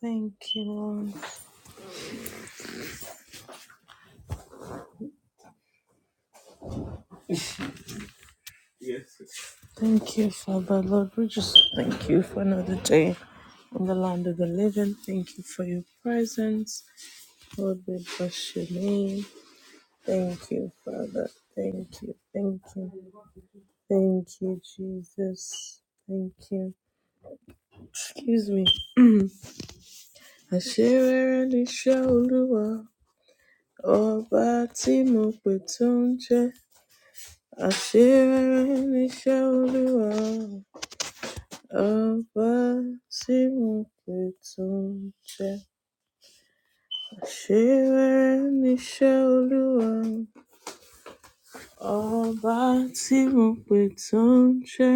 Thank you, Lord. Thank you, Father, Lord. We just thank you for another day in the land of the living. Thank you for your presence. Lord, we bless your name. Thank you, Father. Thank you. Thank you. Thank you, Jesus. Thank you. Excuse me. Àṣewẹ́rẹ́ ní Olúwa, ọba tí mo pè tó ń jẹ́. Àṣewẹ́rẹ́ ní Olúwa. Ọbasímọ́kẹ́ tó ń jẹ́ àṣeyọrí níṣẹ́ Olúwa. Ọba tí mo pè tó ń jẹ́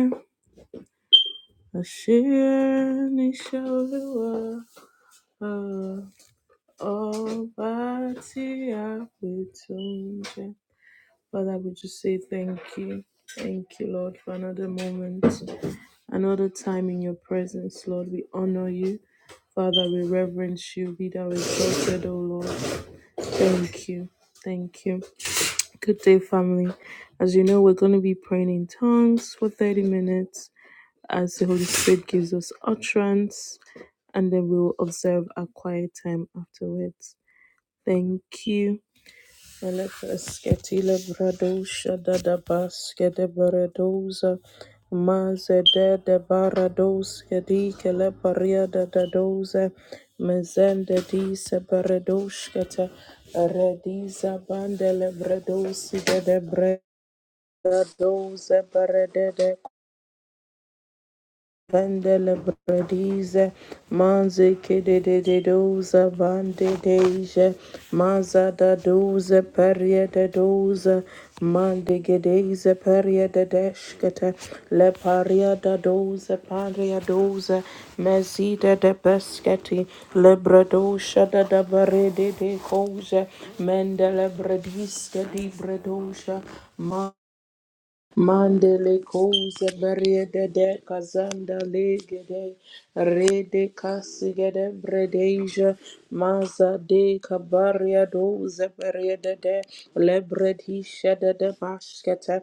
àṣeyọrí níṣẹ́ Olúwa. Ah, Ọba tí a pè tó ń jẹ́. Father, would you say thank you? Thank you, Lord, for another moment. Another time in your presence, Lord, we honor you. Father, we reverence you. Be thou exalted, O Lord. Thank you. Thank you. Good day, family. As you know, we're going to be praying in tongues for 30 minutes as the Holy Spirit gives us utterance, and then we'll observe a quiet time afterwards. Thank you. Elefresketile bradosha dada baske de baradoza maze de de baradoske di kele paria dada doze mezende di se baradoshkete rediza bandele bradosi de de bredoze Bandele bradize, manze kede de de doze, bande deje, maza da doze, perie de doze, mande gedeze, perie de deshkete, le paria da doze, paria doze, mezide de besketi, le bradosha da da bare de de koje, mendele bradiske di bradosha, Mandele koza berie de kazanda legede rede kasigede bredeja maza de kabaria doze berie de de lebredisha de de baskete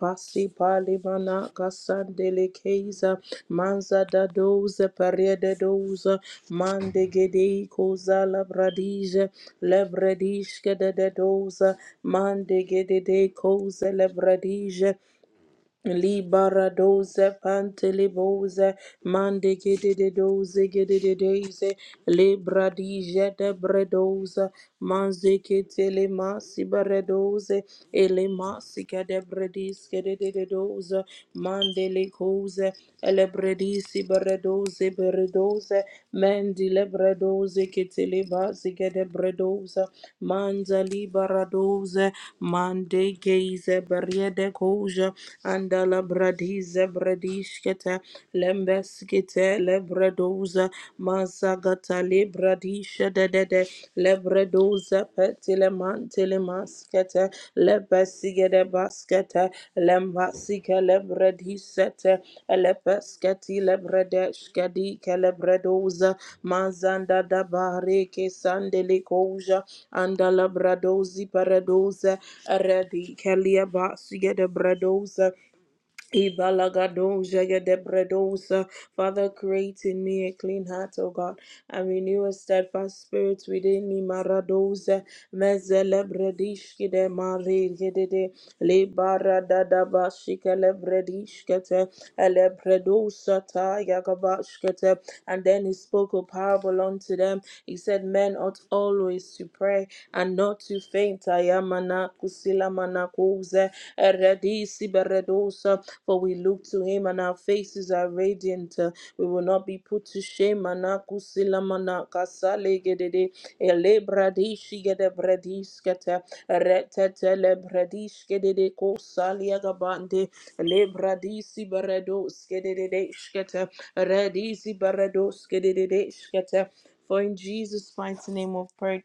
pasi pali mana kasandele keiza manza da doze periede doze mande gedei koza labradije levredishke de de doze mande gede de koze levredije Libaradoze panteliboze mandekededoze gededeze lebradije de bredoze manzeketele masibaredoze ele masika de bredis kededoze mandelikoze ele bredisi beredoze beredoze mendile bredoze ketele basike de bredoze manzali baradoze mandekeize beriede koje andala bradize bradishkete lembeskite lebredoza mazagata lebradisha dedede lebredoza petile mantile maskete lebesigede baskete lembasike lebredisete lepesketi lebredeshkedi kelebredoza mazanda dabareke sandele koja andala bradozi paradoza Redi Kelia Basia de Bradosa Ibalagadon jagadebredosa. Father, create in me a clean heart, O God, and renew a steadfast spirit within me. Maradosa, mezelebredishkide marirgedede, libaradadabashikelebrediskete, elebredosa tayagabashkete. And then he spoke a parable unto them. He said, Men ought always to pray and not to faint. I am zila manakuze eredisi beredosa. For we look to him and our faces are radiant. Uh, We will not be put to shame. Manakusila manakasale gedede elebradishi gedebrediskete retetele bredish gedede kosalia gabande lebradisi beredos gedede shkete redisi beredos gedede shkete. For in Jesus' mighty name of prayer.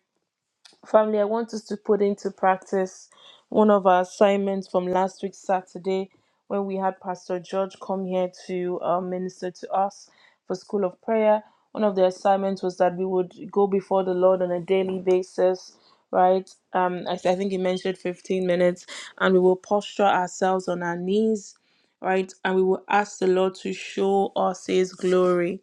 Family, I want us to put into practice one of our assignments from last week, Saturday, when we had Pastor George come here to uh, minister to us for School of Prayer. One of the assignments was that we would go before the Lord on a daily basis, right? Um, I, I think he mentioned 15 minutes, and we will posture ourselves on our knees, right? And we will ask the Lord to show us his glory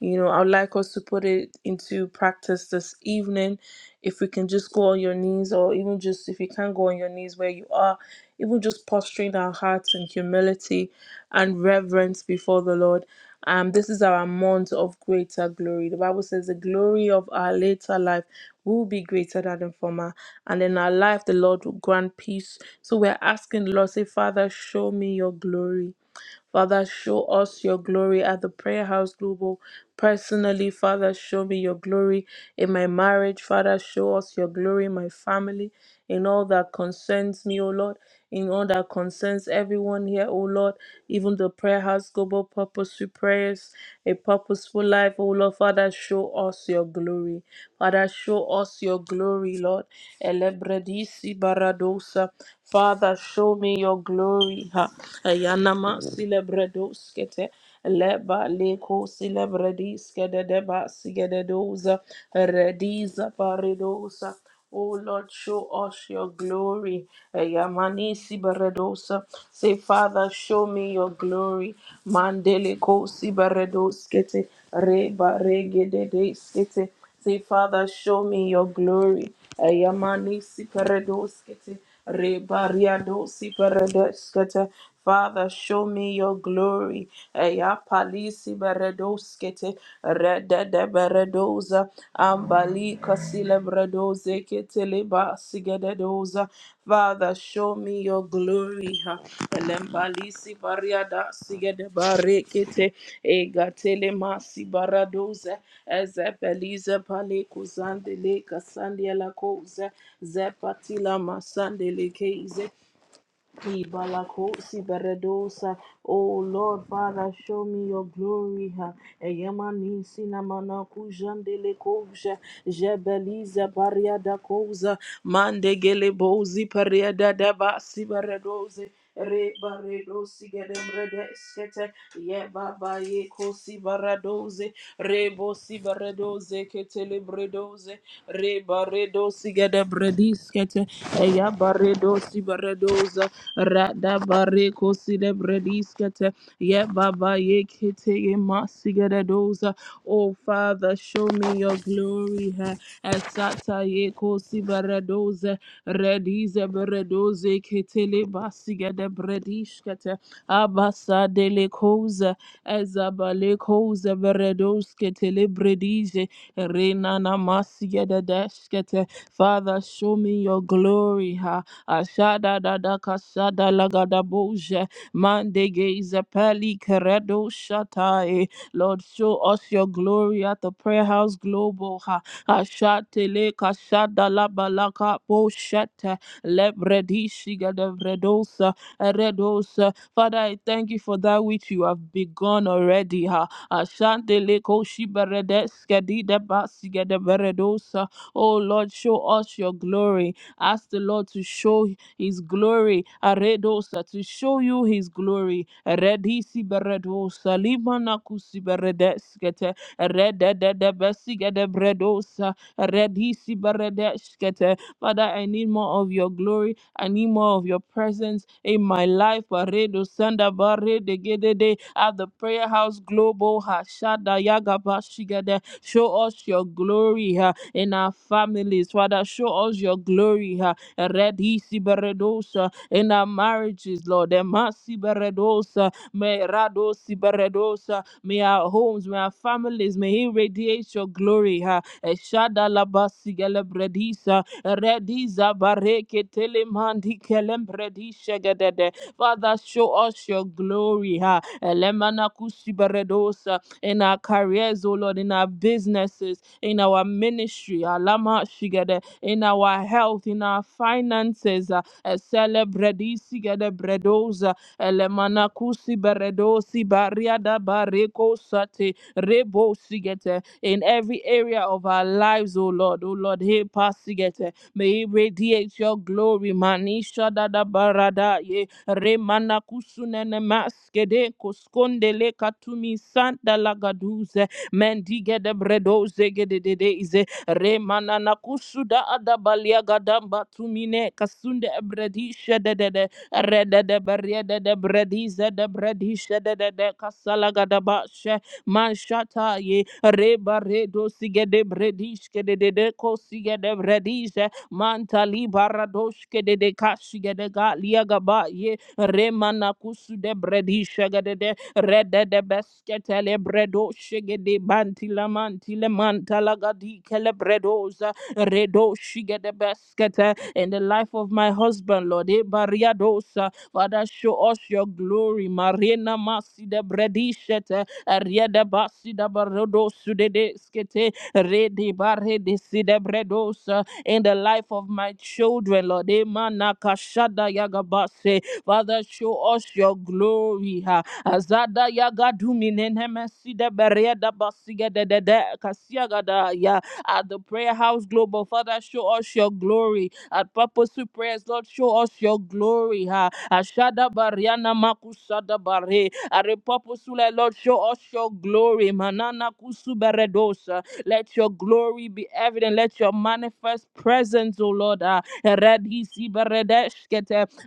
you know, I would like us to put it into practice this evening. If we can just go on your knees, or even just if you can't go on your knees where you are, even just posturing our hearts in humility and reverence before the Lord. Um, this is our month of greater glory. The Bible says the glory of our later life will be greater than the former. And in our life, the Lord will grant peace. So we're asking the Lord, say, Father, show me your glory. Father, show us your glory at the Prayer House Global. Personally, Father, show me your glory in my marriage. Father, show us your glory in my family, in all that concerns me, O Lord, in all that concerns everyone here, O Lord, even the Prayer House Global Purposeful Prayers, a purposeful life, O Lord. Father, show us your glory. Father, show us your glory, Lord. Elebredisi baradosa. Father, show me your glory. ha. Ayanama silebredoskete leba leko silebrediskede deba sigededoza rediza paredosa. Oh Lord, show us your glory. Ayamani siberedosa. Say, Father, show me your glory. Mandele ko siberedos Kete reba regedeskete Say, Father, show me your glory. Ayamani siperedoskete, rebariadosi peredeskete. Father, show me your glory. Ayapali siberedoskete, rededeberedosa, ambalika silebredozekete Teleba Sigededoza. Father, show me your glory. ha. Elembalisi Bariada Sigedebarekete Egatelema Sibaradoza Ezebelize Pale Kuzandele Kasandiela Koza Zepatila Masandele Ibalakosi beredosa. Oh Lord Father, show me your glory. ha. Eyamani sinamana kujandele koja. Jebeliza pariada koza. Mandegele bozi pariada daba si Rebaredo sigedem redeskete. Ye baba ye kosi baradoze. Rebo si baradoze ketele bredoze. Rebaredo sigedem rediskete. Eya baredo si baradoza. Rada bare kosi de brediskete. Ye baba ye kete ye Geredosa. Oh, Father, show me your glory. ha. Esata ye kosi beredoze, redize beredoze, ketele basi gede bredishkete, abasa dele koze, ezabale koze beredoske tele bredije, renana masi gede deshkete. Father, show me your glory. Ha. Ashada da da kasada lagada boje, mande geze peli keredo shatae. Lord, show us your glory at the prayer house global. Ha Ashatele Kashada Labalaka Poshete Lebredishiga Devredosa Redosa. Father, I thank you for that which you have begun already. Ha Ashantele Koshiberedeske Didebasiga Devredosa. Oh Lord, show us your glory. Ask the Lord to show his glory. Aredosa to show you his glory. Redisi beredosa limana kusi beredeskete. Rededede besigede bredosa. Redisi beredeskete. Father, I need more of your glory. I need more of your presence in my life. Baredo sanda baredegedede. At the prayer house global hashada yagabashigede. Show us your glory. ha in our families. Father, show us your glory. Redisi Beredosa in our marriages, Lord. Emasi Beredosa, May Radosi Beredosa, may our homes, may our families, may He radiate Your glory. Ha Eshada Labasi Gelebredisa, Rediza Bareke Telemandi Kelembredisha Gedede. Father, show us Your glory. Ha Elemana Kusi Beredosa in our careers, O Lord, in our businesses, in our ministry. Alama Shigede in our health, in our finances. uh, Esele bredisi gede bredosa, elemana kusi beredosi bariada bareko sate rebo sigete in every area of our lives, O Lord, O Lord, he pasigete. May he radiate your glory, manisha dada barada ye remana kusunene maskede koskondele katumi santa lagaduze mendigede bredoze gede de Remanana kusuda adabalia gadamba tumine kasunde ebredi shedede redede berede de bredi zede bredi shedede kasala gadaba she manshata ye reba redo sigede bredi shkedede ko sigede bredi she mantali baradosh kedede kashigede galia gaba ye remana kusude bredi shedede Rede de rededebesketele bredo shigedi bantilamantile mantalagadi kelebredoza redo shigedebeskete in the life of my husband Lord e bariadosa. Father show us your glory marina masi de bredishete riede basi de bredo rede redi baredi si de bredosa in the life of my children Lord e emanakashada yagabase Father show us your glory Ha Azada ya gadumi nenemesi de beria da basiga de de de kasia gada ya at the prayer house global father show us your glory at purposeful prayers lord show us your glory ha ashada bariana makusada bare at the purposeful lord show us your glory manana kusuberedosa let your glory be evident let your manifest presence o lord ah. Red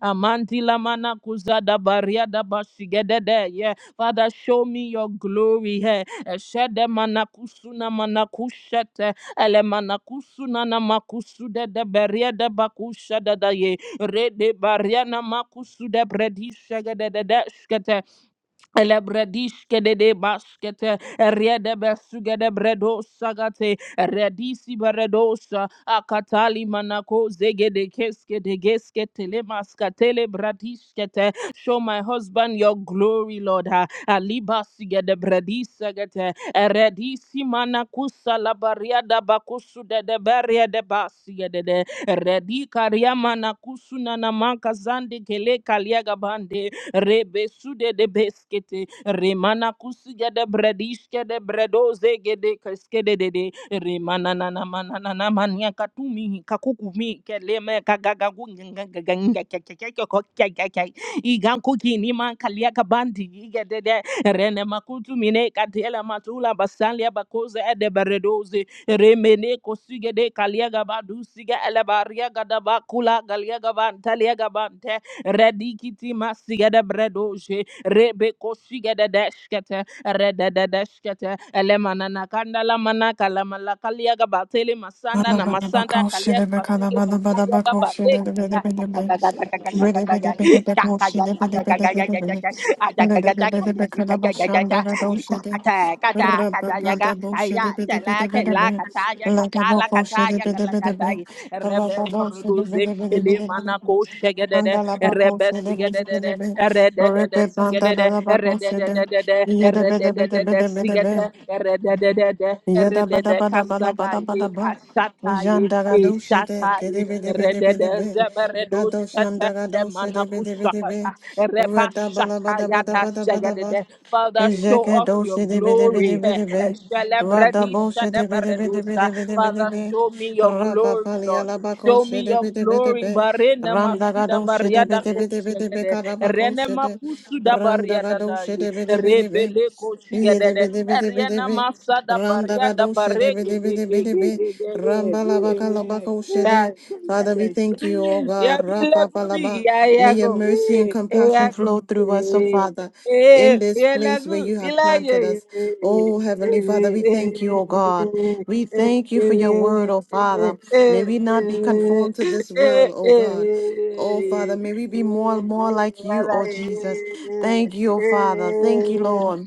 Amandila mana kuzada baria da bashigedede. Yeah. Father, show me your glory. Hey. Eshede mana kusuna mana kushete. Ele mana kusuna na makusude de de beria de bakusha da da ye. Re baria na makusude de bredi shegedede de shkete. Elebradish kedede baskete riede besugede bredo sagate redisi beredosa akatali manako zegede keskete geskete lemaskatele bradishkete show my husband your glory Lord ha alibasi gede bradisa gete redisi manakusa labariada bakusu de de beria de basi gede de redi karia manakusu na namaka zande kele kaliaga bande rebesude de beskete remana kusiga de brediske de bredoze gede keskede de de remana na na mana na na mania katumi kakuku mi keleme kagaga gunganga igankuki ni man kalia kabandi gede de rene makutu mine katela matula basalia bakoze de bredoze remene kosigede kaliaga badu siga elebaria gadaba kula galiaga bantaliaga bante redikiti masiga de bredoje rebe kosigede deshkete redede deshkete elemana nakanda lamana kalamala ba batele masanda Bada na bada masanda bako shide kaliaga bekada bada basigele bada kaliaga bako ba le shide de bede bede be bede bede bede bako shide bede bede bede be bede bede bede bekada bashanda gado shide rabada bo shide bede bede bede be lada bako shide bede bede be rabada bo shide bede bede bede be banda la Rabba Yada bada bada bada bada bada ba. Jandara doshi de Rebe kede bede bede Redede bede be. zeberedo Kato sete shandara doshi emana de bede bede kusakata be. reba Rada bada shata bada bada yada bada bada zegedede. Father, show Ejeke us your doshi de bede bede glory. bede Celebrate, eh, be. Rada shelebredi boshi de bede bede bede bede bede Father, be. show me your Rapa glory, pali Lord. alabako Show me shi de your bede bede glory. be. Barena Randa masida gado shi de bariada bede ko bede bede be shegede. karabako Rene shi de. makusuda Randa bariada gado shi dai. de bede bede be. Rebele ko Ye de shigedede. bede bede bede Rene be. masada Randa bariada gado shi de bareke bede bede bede be. Ramba legegegege. Ya, labaka labako shi ya, de. Father, ya. we thank you, O Ya God. vi la Rapa gubi, palaba. ya, ya, May your go. mercy and Eh, eh, ya, compassion go. flow through us, O Eh, Father in eh, this ya la place gu, where you ya have la, ya, planted ya. Eh, us. eh, Oh, eh, eh, eh, Heavenly Father, we thank you, oh God. We thank you for your word, oh Father. May eh, we not be conformed to this world, eh, eh, oh God. Oh Father, may we be more eh, and more like la, you, la, oh Jesus. Thank you, oh Father. Thank you, Lord.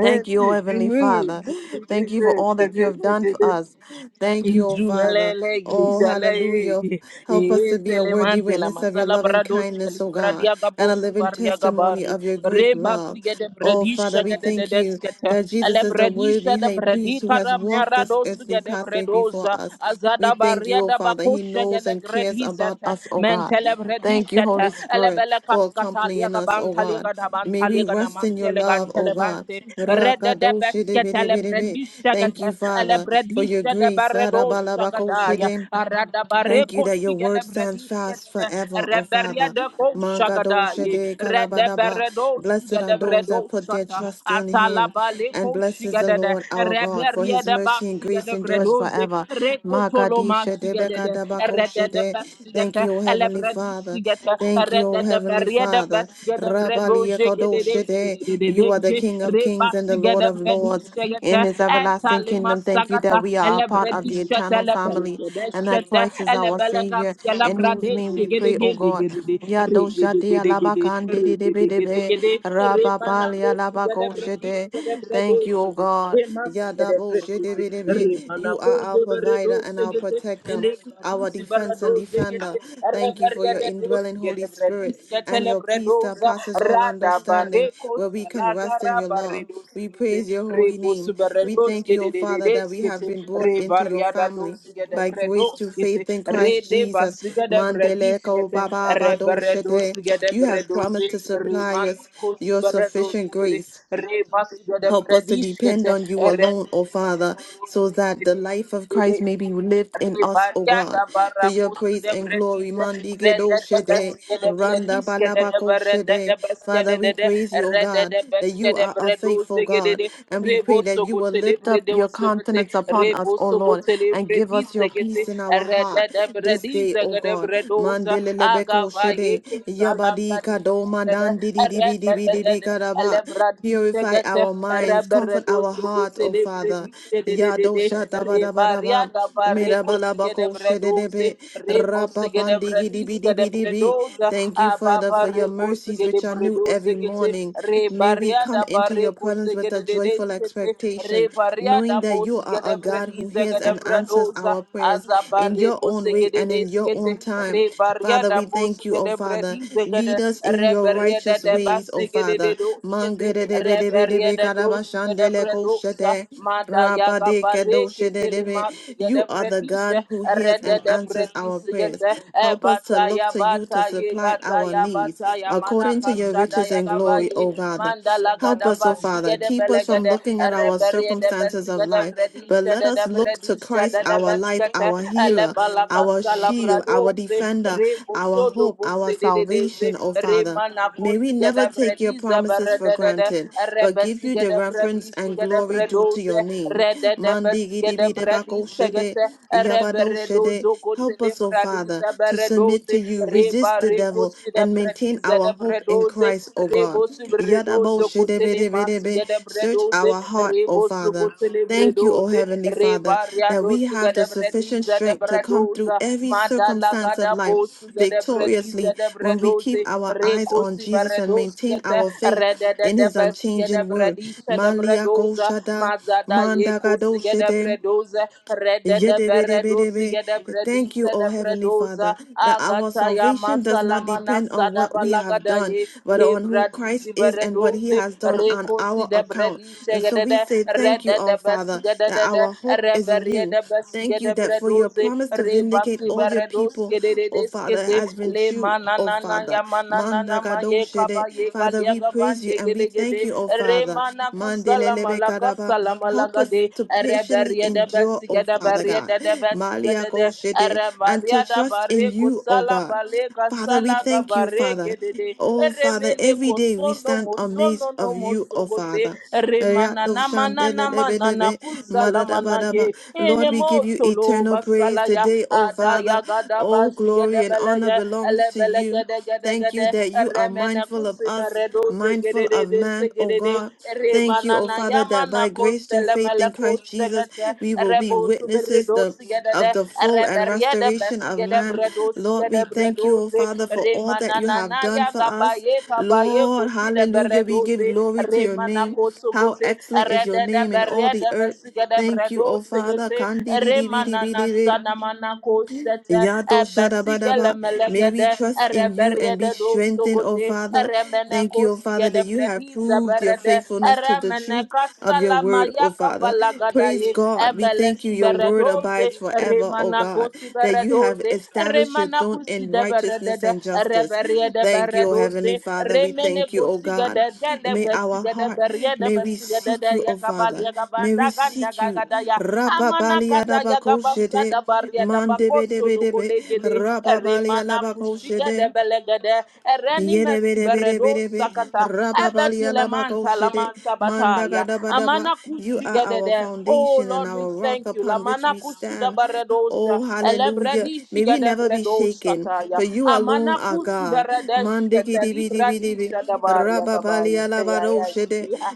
Thank you, O eh, Heavenly Father. Thank you for all that you have done eh, for eh. us. Thank you, O Father. Ijumelele Oh, gizele hallelujah. Help us to be a etele worthy mantela witness of your masala loving brado shikali kindness, O God, bradia and a gabosu living baria testimony gabari of your great reba love. sigede Oh, bredisha Father, we gede de thank you that Jesus ele is the bredisha worthy de high priest bredi who has kara walked this earthly gede pathway before bredoza us. We azada thank you, baria O da Father. He bakosha knows gele and cares about gredizata us, O God. mentele Thank you, Holy ele Spirit, bele for kaskata accompanying liaga us, O bantalia God. gada May we bantalia gada rest in your mantele love, O God. Reda de Rakadoshe de beskete bede le bede be. bredi Thank shagata. you, Le Father, for bredi your shada grace. baredo Sarabalabakoshe shagadaya. de. Arada Thank you bareko that your word shigele stands bredi fast shagata. forever, O Reberia Father. de ko Mangadosha shagadaya. de Reda kalabadaba. baredo Blessed are shigele those that bredo put their shata. trust in Atala him. And baleko blessed is the shigada. Lord our God, for Reberia his de ba mercy and grace shigele endures bredoze. forever. Reko tolo ma Makadisha de shigada. Reda bekadabakosha de de. Thank basigata. you, O Le Heavenly bredi Father. Thank you, O shigata. Heavenly Riada Father. Basgada Brego Rabalia Jegede kadosha de. You are the Shede King of kings and the Lord Rebashigada of Bredi lords in Shegata his everlasting Antalima kingdom. Thank you that Sagata we are a part of Elebredi the Shata eternal family Lepelede and that Shata Christ is our Savior, Elebelagaskela in whose Brade name we Shigede pray, O God. Giligidi Rigidi Yadoshadia Gidi Gidi Rigidi Gidi labakandididibidibhe, Gidi Remanako rababalia Sugada Bredi labakoshede. Shede Thank Bredo you, O Sugu God. Remas Shede Bredi Yadaboshedibidibhe. You are Remanako our Zeberedo provider and our protector, Shegete our Radisi defense and baradoze defender. gede Thank you for reberia your de dos indwelling gede Holy bredis Spirit and ketele your peace that bredoza passes all rada understanding, bareko where we can rest in salagara your love. baredos We gede praise your holy rebus name. We beredos thank you, O gede de de Father, de that we have skete been brought into your rebaria da family dos gede by grace bredos through gede faith in Christ rede Jesus. bas gede bredis Mandeleko gede bababa reberedos doshete. gede You have bredoze promised to supply reman us kos your beredos sufficient gede grace rebas gede Help us to bredis depend on you gede alone, O Father, so that the life of Christ may be lived in us, O Ribariada God. To your barakusu praise de and red, glory, Mandi reda Gedo de Shede, beske de Randa bredis, kede de Balabako berede de Shede. beske de Father, we red, de, praise you, O rede God, de that beske you de are a bredo faithful zegede God. de, And we rebo pray that you sogo will tele lift up brede your usegete, countenance upon us, rebo O sogo Lord, tele and red. give us your segete, peace in our rede heart de this bredis day, O zegede God. bredoza, Mandelelebeko agava Shede, yeke Yabadi Rebaria da Kado Madan Didi Dibi Dibi Dibi Kadaba. Purify our minds, comfort our heart, O Father. Yadosha dabadabadaba, mirabalabako shededebe, rapapandigidibidibidibi. Thank you, Father, for your mercies which are new every morning. May we come into your presence with a joyful expectation, knowing that you are a God who hears and answers our prayers in your own way and in your own time. Father, we thank you, oh de Father. bredize gede Lead us in your reberie de righteous de ways, basse oh gede de Father. doskete reberie Mangedebedebedebe de dosi gede karabashandele bredosa koshete. mada yaga bare kete le masi Rapadekedoshedebe. gede You are the bredize God who hears rede and de answers our bredize prayers. gede e Help us to bata look ya to you bata to ye supply gata our ya needs bata ya according to manaka your shada riches and yaga glory, baye O Father. manda Help lagada us, O bashi Father. gede Keep us from belegede looking at our reberie de circumstances besi of gede life, but bredishe let de us de look to bredishe Christ, de de our life, our healer beskete our shield, our salabradoze, defender, rebo our sodo hope, our bose de de deze, salvation, O Father. remana May kosi we never gada take your bradiza promises for baradadada, granted, but give rebesi you the gada reverence bradishi and gada glory due to bradoze, your name. redada besi gada bradisa Mandigidibidebakoshede, gata, yabadoshede. reberedozo kote Help de us, O Father, bradiza to submit to baradoze, you, resist reba the devil, rekosi da and maintain bradiza our da hope in bradoze, Christ, O God. rebo subredozo kote le masi Yadaboshedebedebedebe. gada Search bradoze, our heart, O rebo Father. sukote le Thank you, O bredoze, Heavenly Father, reba that riado we have the gada sufficient brediza da strength to come through bredoza, every madala circumstance of gada life bosu gada brediza victoriously da when we keep bredoze, our eyes reko on si Jesus and baredos maintain gata, our reda faith da in da his unchanging word. bredisa da Maliako bredoza, shada mazada yeko si mandagado shede. bredoza, reda da beredos Yedebedebedebe. Thank you, bredisa O da Heavenly bredoza, Father, that our agata ya salvation does not lamana depend on sada what we have balagada done, ye, but on who lebra Christ dizi is and what he baredoze, has done on reko si our da account. bredisha And so we say, Thank you, gada O da, Father, basiga da that da da our hope is in reberia you. da basiga Thank you da that for your bredoze promise to re vindicate basi all your bredos people, ke de de O Father, deskete has been le true. O manana na ya Father, manana na ma ye kaba Mandagadoshede. ye Father, kalia we praise gabande you and gele we gele thank you, O re Father. mana kusala malaka Mandelelebekadaba. sala Help malaga us de to patiently reberia da endure, O basiga da Father beria God, da da basiga Malia da da go Shede, and reberia to da trust bare in you, O kusala God. bale Father, we kasala thank you, gabare Father. gede de Oh, Father, remele every day we kosono stand mosono amazed no of you, O mosokote Father. Rato remana na mana na mana na shandelelebedebe, kusala mana madadabadaba. ye Lord, ene we give mo you eternal praise basala ya today, O ada Father. ya gada All basi gede glory and bele honor ge ele belongs to bele you. gede gede Thank you gede that you are remene mindful of kusi us, mere mindful gede de of de man, se O gede de God. Thank you, remana O na Father, ya that mana by grace through kusele faith mele in Christ Jesus, kusekete we will be rebo subere witnesses the, dosi gede of de the full and reberie de restoration besi of gede man. bredosi Lord, gede we thank you, O bredoze Father, for all that remana you na have na done ya for us. gabaye kabaye Lord, Bosi de hallelujah. We give beredoze, glory to your remana name. koso How gote, excellent is your rede de name in all the berede earth. besige de Thank you, bredo O Father. sigete, remana nasana mana kosete, Yado ebesige le Shadabadaba. May we melegede, trust in you and be reberiede do strengthened, O sogote, Father. remene Thank you, O kosige Father, that de you have bredize proved your berede, faithfulness to the remene truth of your kasala word, maya O Father. Praise God. We thank you. ebelesi Your word beredoze, abides forever, O remana God, kosi that you have beredoze, established your remana throne kusi in de righteousness berede, and justice. Reberia da Thank barra you, O Heavenly Father. We remene thank you, O consiga God. da And ganda may our basiga da heart, barria da may we basiga da seek da you, O yagabal Father. May yagabanda we ganda seek you. gagada ya amana kata yagabasa Rapapaliadabakoshete. da baria da Mandebe bakoso debe do debe. golegede, Rababali remana kushiga da alabakoshede. belegede, reni mesibere do Yerebereberebe, sakata, ebeti le manta la rababalialabakoshede, mansa bataya, mandagadabadaba. amana You are kushiga de our de, oh foundation and Lord we our rock thank you, upon Lamana which we kusuda stand. barra doce, Oh, hallelujah. elebredi May we shiga never be da shaken, for shataya. you alone amanaku are God. kusuberedesh ketelibra di Mandigidibidibidibi, shadabaria gabaya. Ya ya rababalialabadoshede, ya.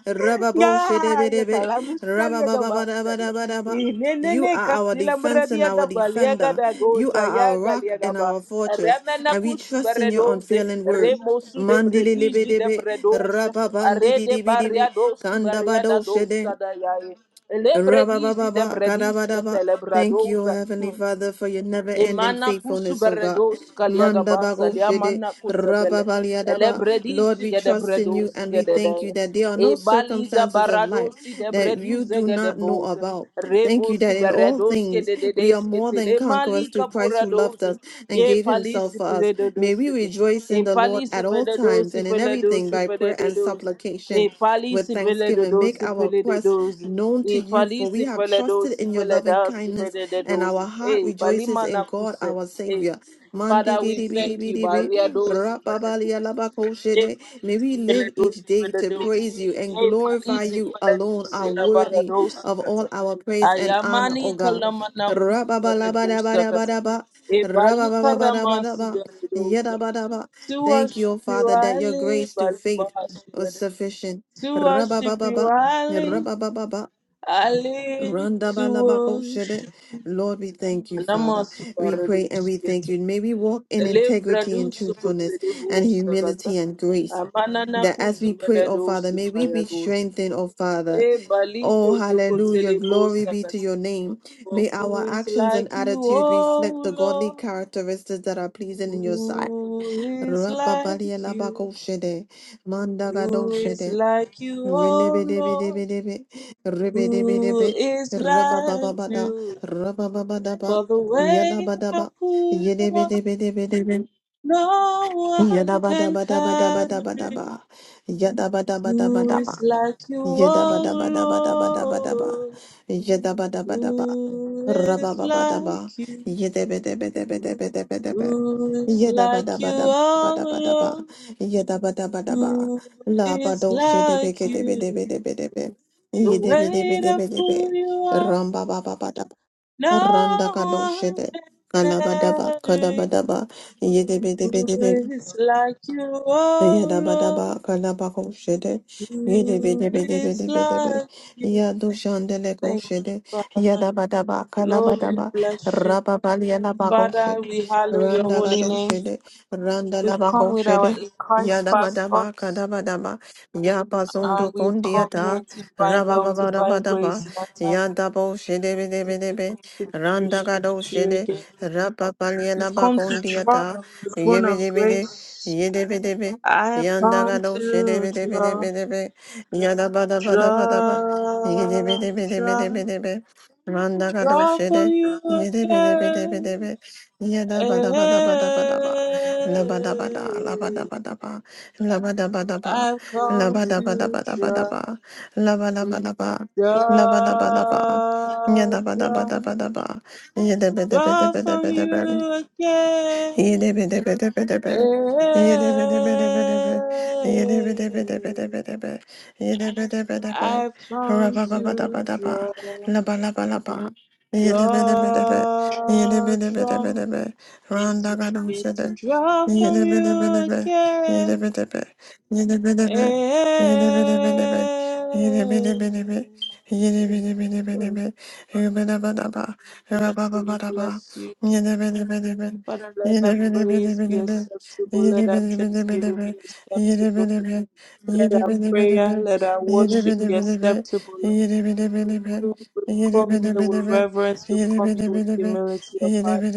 Gaya rababoshedeberebe, kalamu shalia gaba shalia. rababababadabadabadaba. You Inenene are our kasila defense and mradia our gaba liaga defender. da You goza are our yaga rock and liagaba. our fortress Remena and we trust in your kusberedoze unfailing word. remosu de Mandili libi brediji de dibi, bredosha. rababandi Rede dibi baria dibi, dosu baria da kandabado shede, dosa da yae. rabba Lebrediji de kadabadaba. bredisha Thank you, telebradoza. Heavenly Father, for your never ending Emana faithfulness, oh God. kusuberedos kaliagabas Mandabagoshede, aliamana kusagele. rababaliadaba. Lord, Elebredisi we gede trust in you bredos and we gede de. thank you that there are E no baliza circumstances of life baradosi de that you breduze do gede not know boze. about. Thank you Rebos that in all beredos things gede de we des are more ketele than conquerors malika through Christ who burados. loved us and E gave himself palisi for us. pele do do May we sipele. rejoice in E the Lord palisi at all pele do times and in sipele do everything by sipele prayer do and do. supplication E with palisi pele do thanksgiving. do Make our sipele do request do. known to E you, for we palisi have pele do trusted in your sipele loving da kindness, sipele do and do. our heart E rejoices palima na in God kuse. our E Savior. Father, we thank you, Maria Mandigidibidibidibi, do sipele do. E rababalialabakoshede. May palisi we pele live do each day sipele to do. praise you and E glorify palisi you pele alone do are sipele worthy do of all sipele. our praise and honor, Ayamani O God. kalamana kusibere do Rababalabadabadabadaba, Ebalika rababababadabadaba, siberedosa. yadabadaba. To Thank you, worship O you, Father, that your Ali, grace through Baliba faith was sufficient. To worship you, Rabababa, Ali, Rabababa, Ali, to randabalabakoshere. worship. Lord, we thank you, Anama Father. We pray and subaredosa. we thank you. May we walk in integrity and Elebradosa truthfulness and kotelebusa gata. humility and grace. Amanana That as we pray, oh Father, kutubeledosa may we be payagosa. strengthened, oh Father. Ebaliko Oh, hallelujah. Glory zokotelebusa be to gata. your name. For May our who is actions and like you, attitudes reflect O the godly Lord? characteristics that are pleasing in your sight. Who is like you? Rababalialabakoshede, Who is mandagadoshede. like you, oh Lord? Ribbidi-bidi-bidi-bidi, ribbidi-bidi-bi, Who is like rabba-ba-ba-ba-da, you? rabba-ba-ba-da-ba, For the bidi bidi bi yada way of da who you are, yidi-bidi-bidi-bidi-bi, no one can carry. yada-ba-da-ba-da-ba-da-ba-da-ba-da-ba, Who yada-ba-da-ba-da-ba-da-ba, is like you, Yedabadabadabadabadabadaba. oh Lord? Yedabadabadaba. Who is Rabababadaba. like you? Yedebedebedebedebedebe. Who is like you, oh Yedabadabadabadabadaba. Lord? Yedabadabadaba. Who is like you? Labadoshe-debeke-debedebedebedebe. The weight of Yedebedebedebedebe. who you are, Rambabababadaba. no one Randakadoshe-de. can Kalabadaba. carry. Kadabadaba. Who is like you, oh Lord? Yadabadaba, Kalabako Shede, Who is Yedebedebedebedebedebe, like you? Yadu Shandeleko Thank Shede, you, Father. Yadabadaba, Lord, we Kalabadaba, bless you. Rababalianabako Father, Shede, we hallow your holy Randagado name. Shede, We've come Randalabako with our Shede, in Christ Yadabadaba, passports, Kadabadaba, Yabazondo and we've come here Kondiata, to find help, to find Rabababadabadaba, grace in our time Yadabo Shede, of Bedebedebe, come to fellowship Randagado with you Shede, again. You've come to draw Rababalianabakondiata, from the throne of Yebedebede, grace. Yedebedebe, I have Yanda come gado shede to bede bede draw, bede be. Yada bada bada bada ba. Yede draw, bede bede bede draw, bede be. Randa gado draw from shede. you Yede bede bede bede again. be. Yada bada bada bada Eh, bada ba. La bada bada la bada bada ba. La bada bada ba. I've La come bada bada to bada bada draw, ba. La bada bada ba. La bada bada ba. draw, Yada bada draw, bada bada ba. Yede bede bede draw bede from bede be. you Yedebedebedebe, again. Eh, I've come to draw, draw, draw, get to draw from you again. Eh. Thank you, Father. We bless you. Father, Yidi let our praise be acceptable. Let our thanksgiving be acceptable. Let our prayer, let our worship be acceptable, Lord. We come here with reverence. We come here with humility of heart.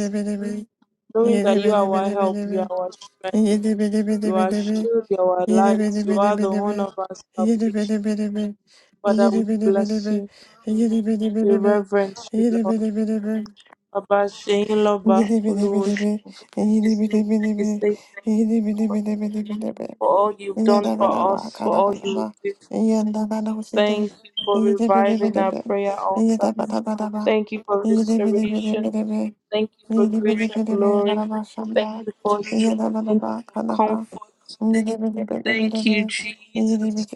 knowing that you are our help, you are our strength, you are our shield, you are our light, you are the horn of our salvation. Father, we bless you, we reverence you, Lord. Abba, Shein, Yedi Loba, Oluwaseun, we say thank you Lord, for all you've done for us, for all you will do. Thank you for reviving our prayer altar. Thank you for restoration. Thank you for greater glory. Thank you for healing. Thank you for comfort. Thank you, Jesus.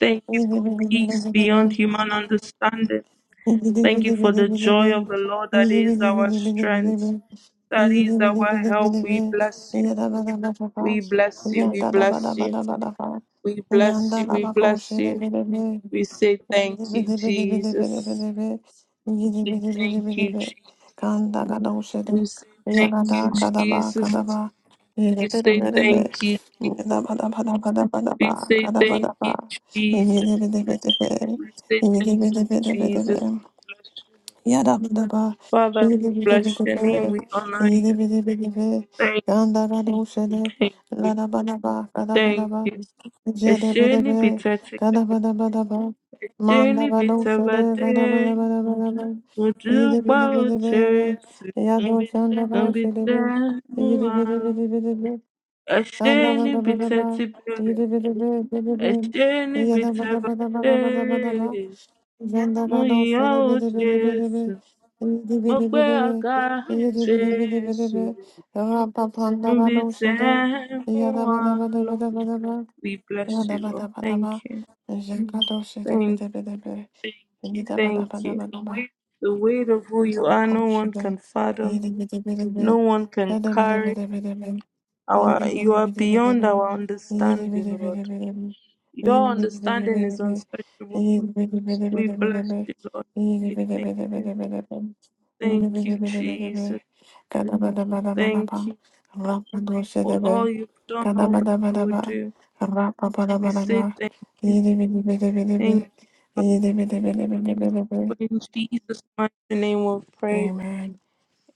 Thank you for peace beyond human understanding. Yanda Thank you for the joy of the Lord that is our strength, that is our help. We bless you. We bless you. We bless you. We bless you. We bless you. We say thank you, Jesus. We say thank you, Jesus. We say thank you, Jesus. We say thank you, Jesus. We say thank you, Jesus. We say thank you, Jesus. Yadabadaba, Father, we bless your name. bidibidibidibidi, We honor you. yidibidibidibidi, Thank yandaradoshede, you. ladabadaba, Thank kadabadaba, you. Ẹ̀ṣẹ́ni jedebedebe, bìtẹ̀ ti kadabadabadaba, ẹ̀ṣẹ́ni bìtẹ̀ mandaradoshede, bàdé. kadabadabadabadaba, Mo dúpẹ́ o yidibidibidibidi, Jésù tán yadoshandabasidebe, bìtẹ̀ mú wa lọ. yidibidibidibidi, Ẹ̀ṣẹ́ni bìtẹ̀ yandabadabadaba, ti bẹ̀rẹ̀. yidibidibidibidibi, Ẹ̀ṣẹ́ni bìtẹ̀ bàdé. yadabadabadabadabadaba, Mo Jandalalo yìí sere o bere bere bere be. Jésù. Indi Mo bere gbé bere be. Indi bere bere bere be. Rabba pandalalo sere. Yada bada bada bada bada ba. We bless Bada you, Lord. bada bada ba. Thank you. Jekado sere Thank bere you. bere be. Yida bada Thank bada you. bada ba. The weight of who you are, no Bako one sere. can fathom, Yidi bere bere no be. one can Yada bere carry. bere bere be. Our, Amen. you are beyond our understanding, Lord. Your understanding is unsearchable. We bless you, Lord. We Thank you. Thank you, Jesus. Thank you for all you've done, all that you will do. We say thank you. Thank you. For in Jesus' mighty name we pray.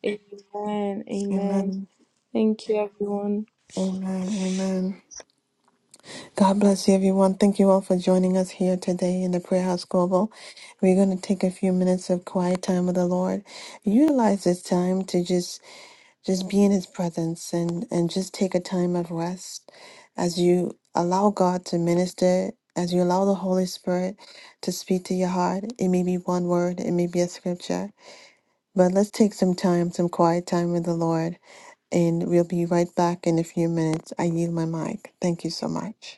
Amen. Amen. Amen. Thank you, everyone. Amen. Amen. God bless you, everyone. Thank you all for joining us here today in the Prayer House Global. We're going to take a few minutes of quiet time with the Lord. Utilize this time to just just be in His presence and and just take a time of rest as you allow God to minister. As you allow the Holy Spirit to speak to your heart, it may be one word, it may be a scripture, but let's take some time, some quiet time with the Lord, and we'll be right back in a few minutes. I yield my mic. Thank you so much.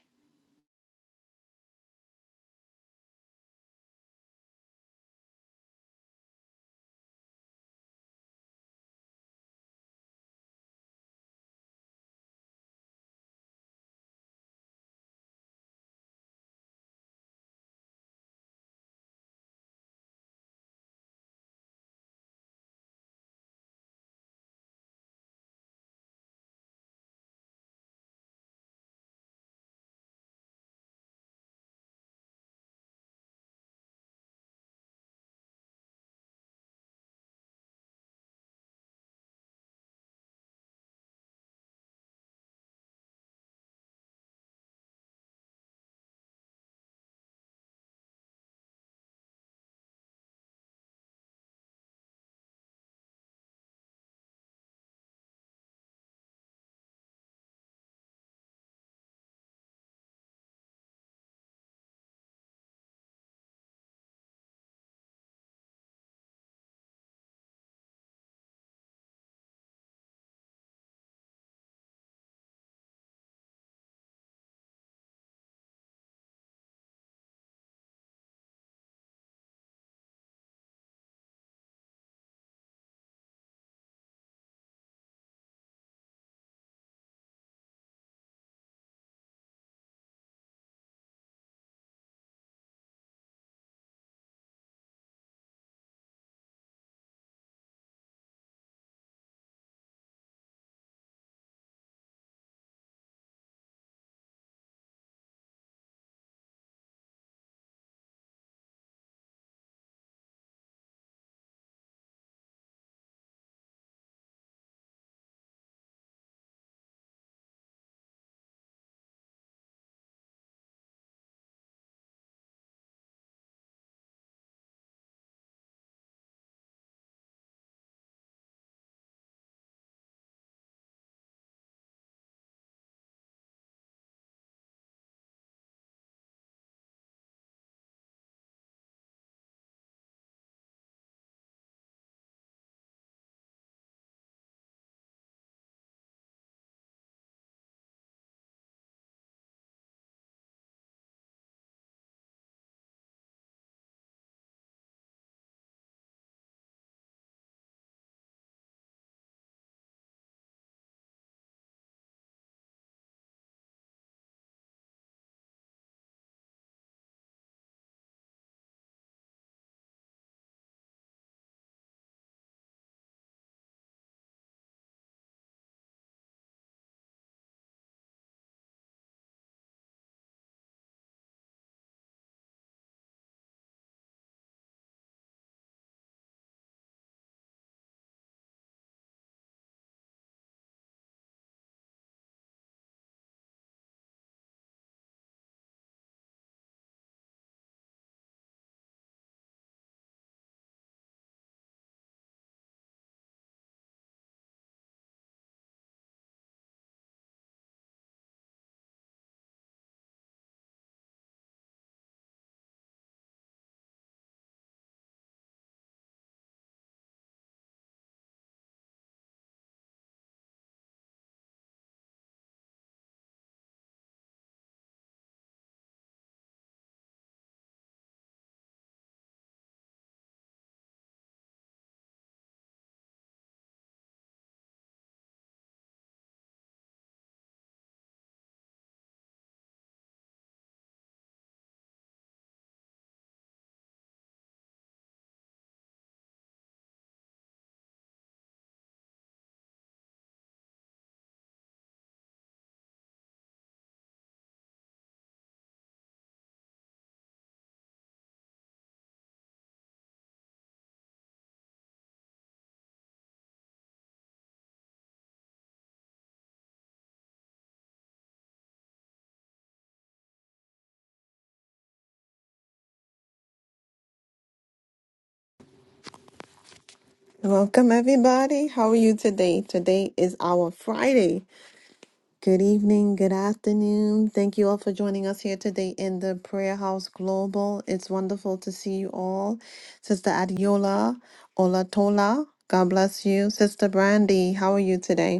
Welcome, everybody. How are you today? Today is our Friday. Good evening, good afternoon. Thank you all for joining us here today in the Prayer House Global. It's wonderful to see you all. Sister Adiola Olatola, God bless you. Sister Brandy, how are you today?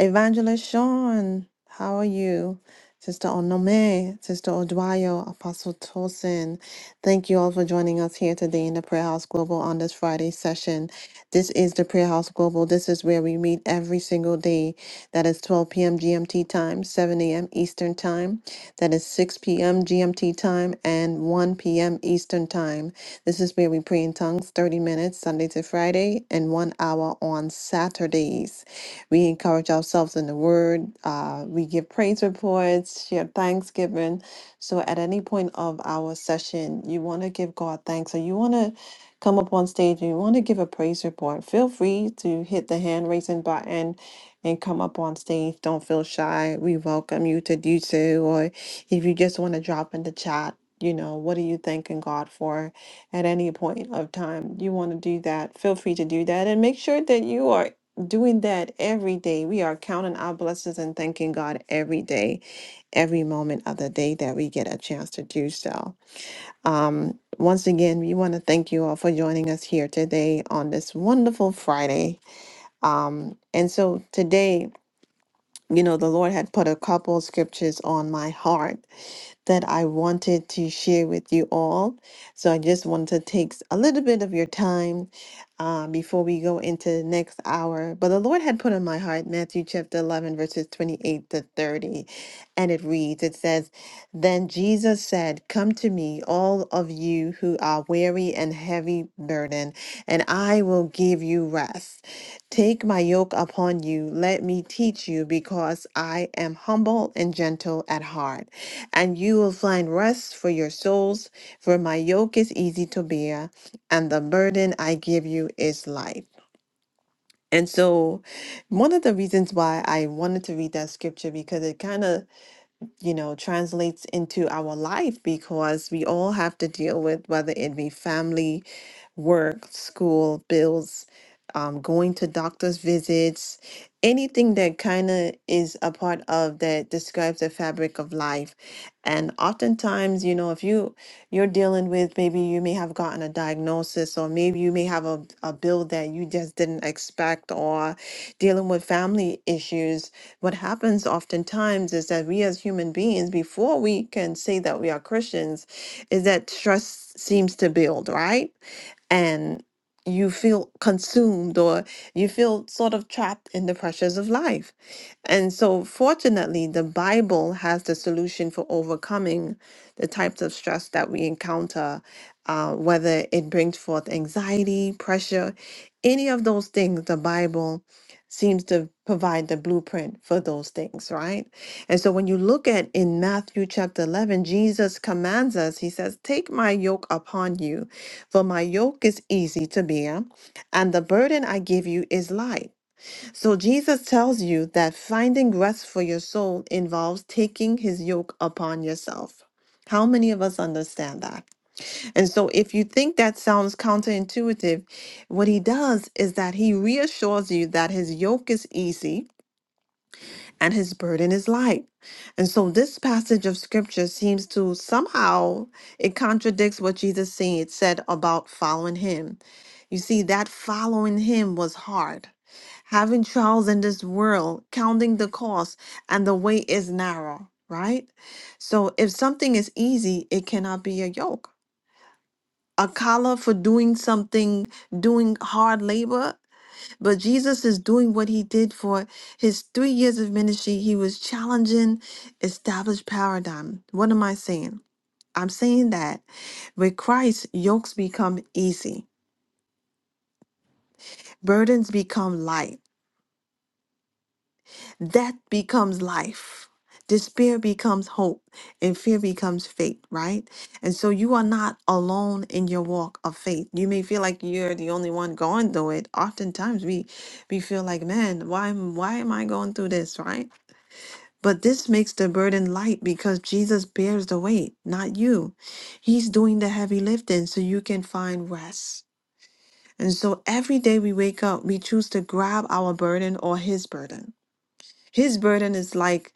Evangelist Sean, how are you? Sister Onome, Sister Odwayo, Apostle Tosin, thank you all for joining us here today in the Prayer House Global on this Friday session. This is the Prayer House Global. This is where we meet every single day. That is 12 p.m. GMT time, 7 a.m. Eastern time. That is 6 p.m. GMT time and 1 p.m. Eastern time. This is where we pray in tongues 30 minutes Sunday to Friday and one hour on Saturdays. We encourage ourselves in the word. Uh, we give praise reports, share thanksgiving. So at any point of our session, you want to give God thanks or you want to come up on stage and you want to give a praise report, feel free to hit the hand raising button and come up on stage. Don't feel shy. We welcome you to do so. Or if you just want to drop in the chat, you know, what are you thanking God for at any point of time? You want to do that, feel free to do that. And make sure that you are Doing that every day, we are counting our blessings and thanking God every day, every moment of the day that we get a chance to do so. Um, once again, we want to thank you all for joining us here today on this wonderful Friday. Um, and so today, you know, the Lord had put a couple scriptures on my heart that I wanted to share with you all. So I just wanted to take a little bit of your time uh, before we go into the next hour. But the Lord had put on my heart Matthew chapter 11, verses 28 to 30. And it reads, It says, Then Jesus said, 'Come to me, all of you who are weary and heavy burden, and I will give you rest. Take my yoke upon you. Let me teach you, because I am humble and gentle at heart and you will find rest for your souls, for my yoke is easy to bear, and the burden I give you is light. And so, one of the reasons why I wanted to read that scripture because it kind of you know, translates into our life because we all have to deal with whether it be family, work, school, bills, um, going to doctor's visits, anything that kind of is a part of that describes the fabric of life. And oftentimes, you know, if you you're dealing with maybe you may have gotten a diagnosis or maybe you may have a, a bill that you just didn't expect or dealing with family issues what happens oftentimes is that we as human beings, before we can say that we are Christians, is that stress seems to build, right? And you feel consumed or you feel sort of trapped in the pressures of life. And so, fortunately, the Bible has the solution for overcoming the types of stress that we encounter, uh, whether it brings forth anxiety, pressure, any of those things, the Bible seems to provide the blueprint for those things, right? And so when you look at in Matthew chapter 11, Jesus commands us, he says, Take my yoke upon you, for my yoke is easy to bear, and the burden I give you is light. So Jesus tells you that finding rest for your soul involves taking his yoke upon yourself. How many of us understand that? And so, if you think that sounds counterintuitive, what he does is that he reassures you that his yoke is easy and his burden is light. And so, this passage of scripture seems to somehow it contradicts what Jesus said said about following him. You see, that following him was hard. Having trials in this world, counting the cost, and the way is narrow, right? So, if something is easy, it cannot be a yoke a collar for doing something, doing hard labor. But Jesus is doing what he did for his three years of ministry. He was challenging established paradigm. What am I saying? I'm saying that with Christ, yokes become easy, burdens become light. Death becomes life. Despair becomes hope and fear becomes faith, right? And so you are not alone in your walk of faith. You may feel like you're the only one going through it. Oftentimes we we feel like, man, why am- why am I going through this, right? But this makes the burden light because Jesus bears the weight, not you. He's doing the heavy lifting so you can find rest. And so every day we wake up, we choose to grab our burden or his burden. His burden is like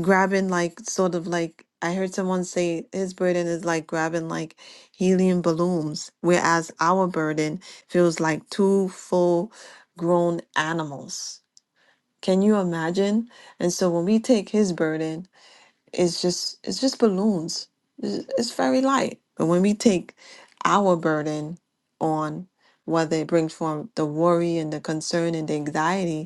grabbing like sort of like I heard someone say his burden is like grabbing like helium balloons, whereas our burden feels like two full grown animals. Can you imagine? And so when we take his burden, it's just it's just balloons. It's, it's very light. But when we take our burden on, whether it brings form the worry and the concern and the anxiety,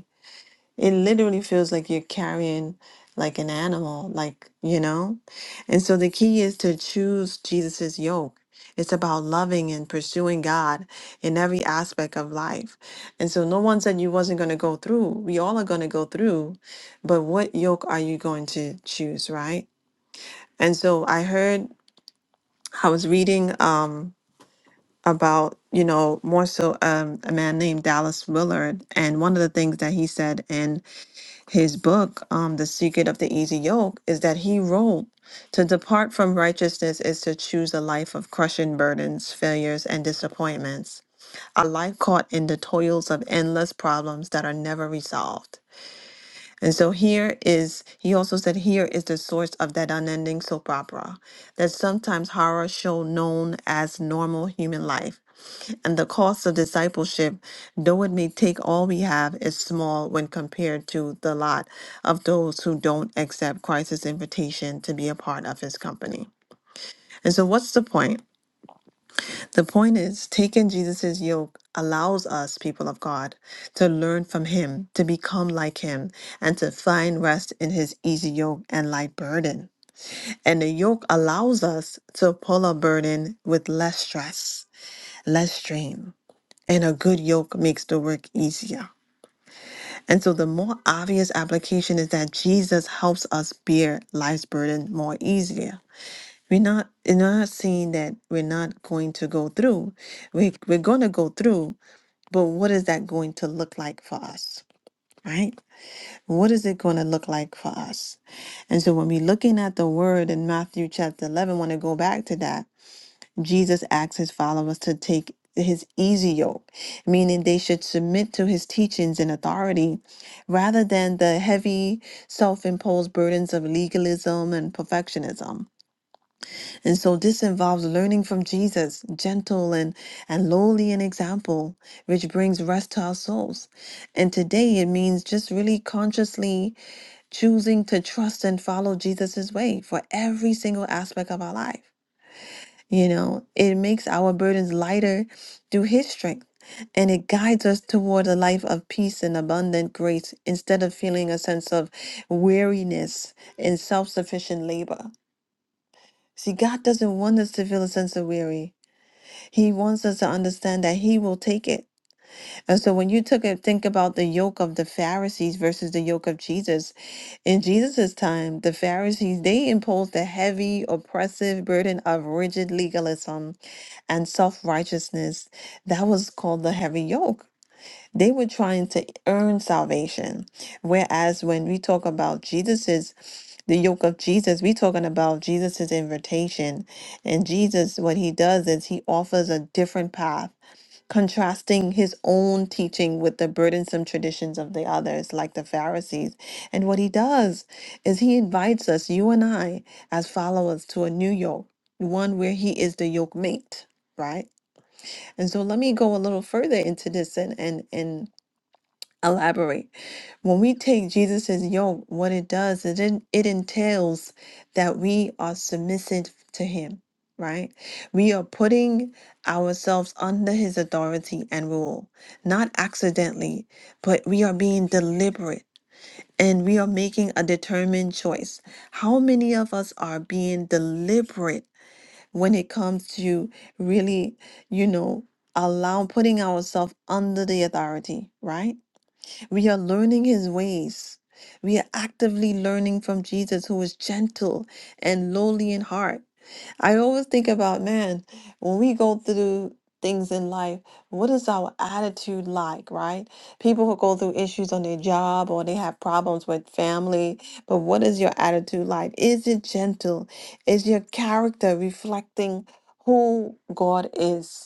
it literally feels like you're carrying like an animal, like, you know? And so the key is to choose Jesus's yoke. It's about loving and pursuing God in every aspect of life. And so no one said you wasn't going to go through. We all are going to go through, but what yoke are you going to choose, right? And so I heard I was reading um about, you know, more so um, a man named Dallas Willard and one of the things that he said in his book, um, The Secret of the Easy Yoke, is that he wrote to depart from righteousness is to choose a life of crushing burdens, failures, and disappointments, a life caught in the toils of endless problems that are never resolved. And so here is, he also said, here is the source of that unending soap opera, that sometimes horror show known as normal human life. And the cost of discipleship, though it may take all we have, is small when compared to the lot of those who don't accept Christ's invitation to be a part of his company. And so, what's the point? The point is, taking Jesus' yoke allows us, people of God, to learn from him, to become like him, and to find rest in his easy yoke and light burden. And the yoke allows us to pull a burden with less stress, less strain. And a good yoke makes the work easier. And so the more obvious application is that Jesus helps us bear life's burden more easier. We're not, we're not saying that we're not going to go through. We, we're going to go through, but what is that going to look like for us? Right? What is it going to look like for us? And so when we're looking at the word in Matthew chapter 11, want to go back to that, Jesus asks his followers to take his easy yoke, meaning they should submit to his teachings and authority rather than the heavy self imposed burdens of legalism and perfectionism and so this involves learning from Jesus, gentle and, and lowly in example, which brings rest to our souls. And today it means just really consciously choosing to trust and follow Jesus' way for every single aspect of our life. You know, it makes our burdens lighter through his strength. And it guides us toward a life of peace and abundant grace instead of feeling a sense of weariness and self sufficient labor. See, God doesn't want us to feel a sense of weary. He wants us to understand that He will take it. And so when you took it, think about the yoke of the Pharisees versus the yoke of Jesus. In Jesus' time, the Pharisees, they imposed the heavy, oppressive burden of rigid legalism and self-righteousness. That was called the heavy yoke. They were trying to earn salvation. Whereas when we talk about Jesus's, the yoke of Jesus, we're talking about Jesus's invitation. And Jesus, what he does is he offers a different path, contrasting his own teaching with the burdensome traditions of the others, like the Pharisees. And what he does is he invites us, you and I, as followers, to a new yoke, one where he is the yoke mate, right? And so let me go a little further into this and and and elaborate. When we take Jesus's yoke, what it does is it, it entails that we are submissive to him, right? We are putting ourselves under his authority and rule, not accidentally, but we are being deliberate and we are making a determined choice. How many of us are being deliberate when it comes to really, you know, allow putting ourselves under the authority, right? We are learning his ways. We are actively learning from Jesus, who is gentle and lowly in heart. I always think about, man, when we go through things in life, what is our attitude like, right? People who go through issues on their job or they have problems with family, but what is your attitude like? Is it gentle? Is your character reflecting who God is?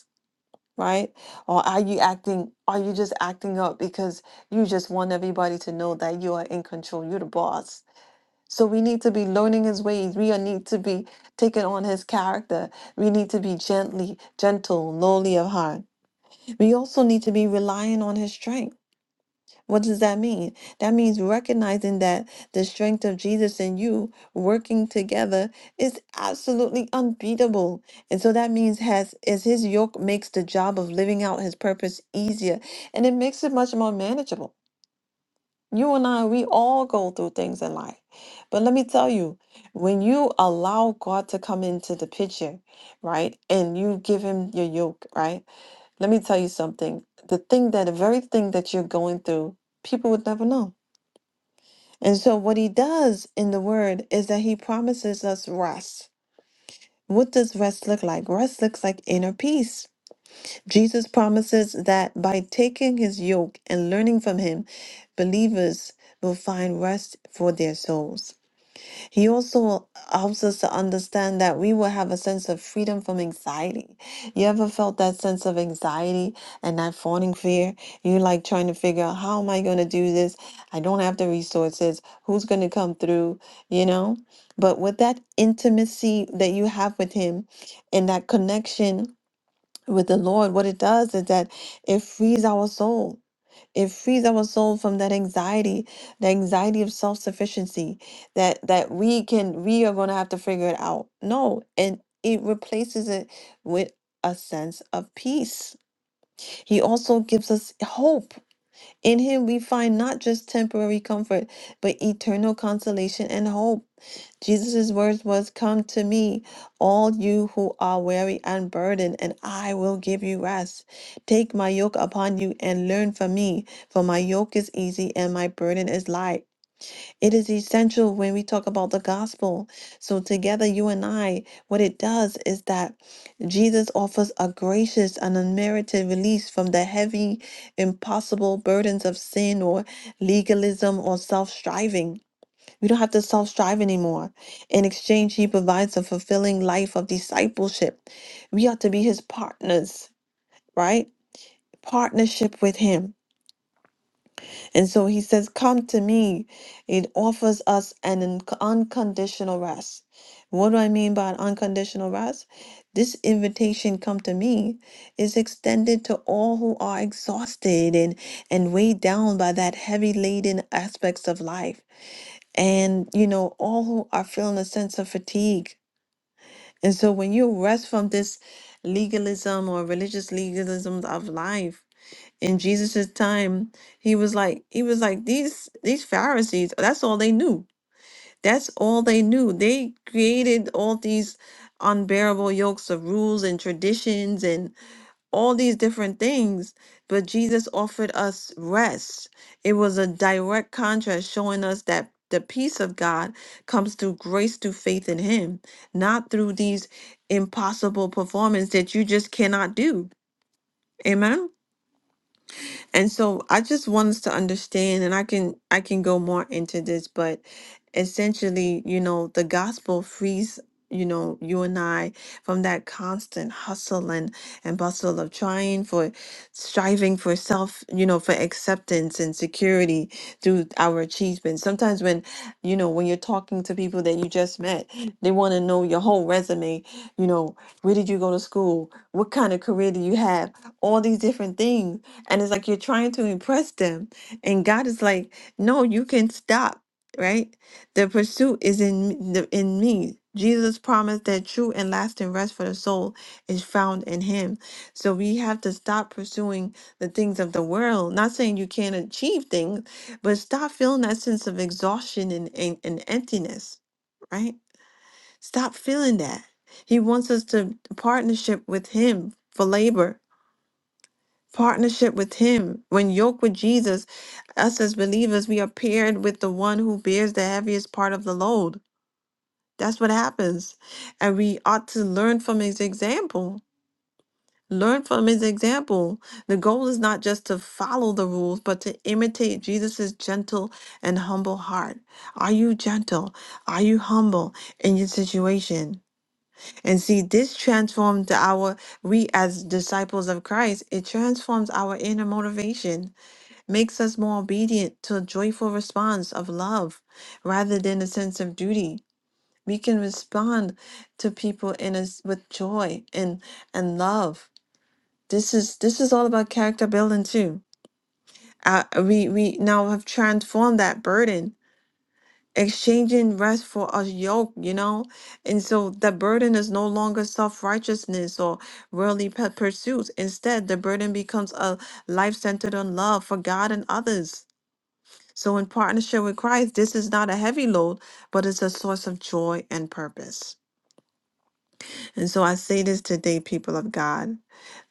right? Or are you acting, are you just acting up because you just want everybody to know that you are in control, you're the boss? So we need to be learning his ways. We are- need to be taking on his character. We need to be gently, gentle, lowly of heart. We also need to be relying on his strength. What does that mean? That means recognizing that the strength of Jesus and you working together is absolutely unbeatable. And so that means has as his yoke makes the job of living out his purpose easier and it makes it much more manageable. You and I, we all go through things in life. But let me tell you, when you allow God to come into the picture, right, and you give him your yoke, right? Let me tell you something. The thing that the very thing that you're going through, people would never know. And so what he does in the word is that he promises us rest. What does rest look like? Rest looks like inner peace. Jesus promises that by taking his yoke and learning from him, believers will find rest for their souls. He also helps us to understand that we will have a sense of freedom from anxiety. You ever felt that sense of anxiety and that fawning fear? You're like trying to figure out how am I going to do this? I don't have the resources. Who's going to come through? You know? But with that intimacy that you have with Him and that connection with the Lord, what it does is that it frees our soul it frees our soul from that anxiety, the anxiety of self-sufficiency that that we can we are going to have to figure it out. No, and it replaces it with a sense of peace. He also gives us hope. In him we find not just temporary comfort, but eternal consolation and hope. Jesus' words was, Come to me, all you who are weary and burdened, and I will give you rest. Take my yoke upon you and learn from me, for my yoke is easy and my burden is light. It is essential when we talk about the gospel. So, together, you and I, what it does is that Jesus offers a gracious and unmerited release from the heavy, impossible burdens of sin or legalism or self striving. We don't have to self strive anymore. In exchange, he provides a fulfilling life of discipleship. We ought to be his partners, right? Partnership with him. And so he says, Come to me. It offers us an un- unconditional rest. What do I mean by an unconditional rest? This invitation, come to me, is extended to all who are exhausted and, and weighed down by that heavy laden aspects of life and you know all who are feeling a sense of fatigue and so when you rest from this legalism or religious legalism of life in Jesus's time he was like he was like these these pharisees that's all they knew that's all they knew. They created all these unbearable yokes of rules and traditions and all these different things, but Jesus offered us rest. It was a direct contrast showing us that the peace of God comes through grace through faith in Him, not through these impossible performances that you just cannot do. Amen. And so I just want us to understand, and I can I can go more into this, but essentially, you know, the gospel frees you know you and I from that constant hustle and and bustle of trying for striving for self, you know, for acceptance and security through our achievements. Sometimes when you know when you're talking to people that you just met, they want to know your whole resume. You know, where did you go to school? What kind of career do you have? All these different things and it's like you're trying to impress them. And God is like, no, you can stop, right? The pursuit is in m- the, in me. Jesus promised that true and lasting rest for the soul is found in him. So we have to stop pursuing the things of the world. Not saying you can't achieve things, but stop feeling that sense of exhaustion and, and, and emptiness, right? Stop feeling that. He wants us to partnership with him for labor partnership with him when yoked with jesus us as believers we are paired with the one who bears the heaviest part of the load that's what happens and we ought to learn from his example learn from his example the goal is not just to follow the rules but to imitate jesus's gentle and humble heart are you gentle are you humble in your situation and see this transformed our we as disciples of christ it transforms our inner motivation makes us more obedient to a joyful response of love rather than a sense of duty. We can respond to people in us with joy and and love. This is this is all about character building too. Uh, we we now have transformed that burden, exchanging rest for a yoke, you know, and so the burden is no longer self righteousness or worldly pe- pursuits. Instead, the burden becomes a life centered on love for God and others So, in partnership with Christ, this is not a heavy load, but it's a source of joy and purpose. And so, I say this today, people of God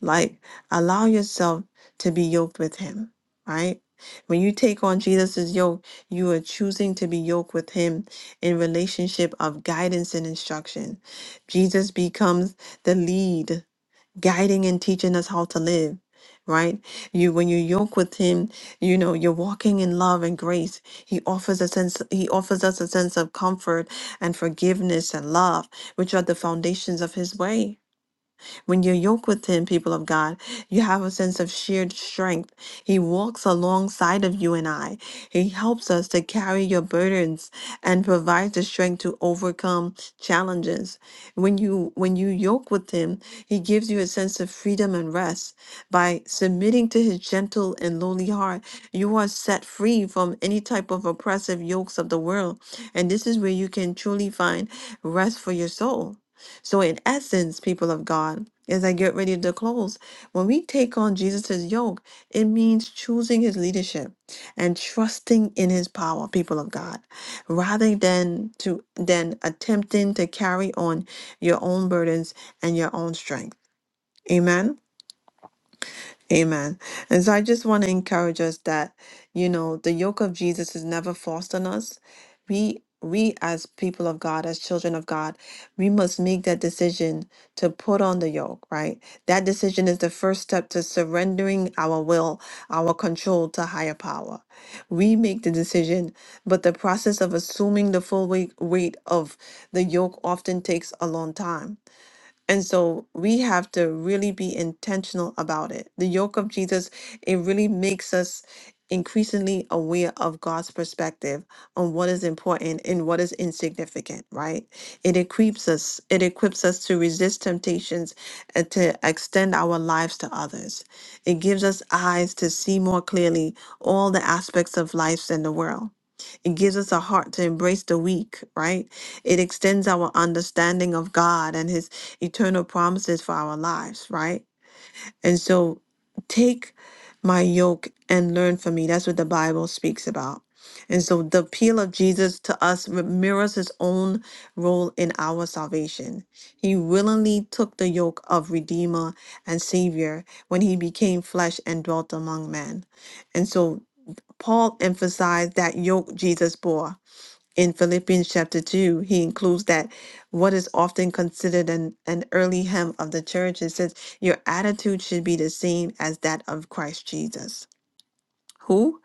like, allow yourself to be yoked with Him, right? When you take on Jesus's yoke, you are choosing to be yoked with Him in relationship of guidance and instruction. Jesus becomes the lead, guiding and teaching us how to live right you when you yoke with him you know you're walking in love and grace he offers a sense he offers us a sense of comfort and forgiveness and love which are the foundations of his way when you yoke with Him, people of God, you have a sense of shared strength. He walks alongside of you and I. He helps us to carry your burdens and provides the strength to overcome challenges. When you when you yoke with Him, He gives you a sense of freedom and rest. By submitting to His gentle and lowly heart, you are set free from any type of oppressive yokes of the world, and this is where you can truly find rest for your soul. So, in essence, people of God, as I get ready to close, when we take on Jesus' yoke, it means choosing his leadership and trusting in his power, people of God, rather than to than attempting to carry on your own burdens and your own strength. Amen. Amen. And so I just want to encourage us that, you know, the yoke of Jesus is never forced on us. We we as people of God, as children of God, we must make that decision to put on the yoke, right? That decision is the first step to surrendering our will, our control to higher power. We make the decision, but the process of assuming the full weight, weight of the yoke often takes a long time. And so we have to really be intentional about it. The yoke of Jesus, it really makes us increasingly aware of God's perspective on what is important and what is insignificant, right? It equips us, it equips us to resist temptations and to extend our lives to others. It gives us eyes to see more clearly all the aspects of life and the world. It gives us a heart to embrace the weak, right? It extends our understanding of God and His eternal promises for our lives, right? And so take my yoke and learn from me. That's what the Bible speaks about. And so the appeal of Jesus to us re- mirrors his own role in our salvation. He willingly took the yoke of Redeemer and Savior when he became flesh and dwelt among men. And so Paul emphasized that yoke Jesus bore in Philippians chapter 2, he includes that what is often considered an, an early hymn of the church. It says, Your attitude should be the same as that of Christ Jesus, who,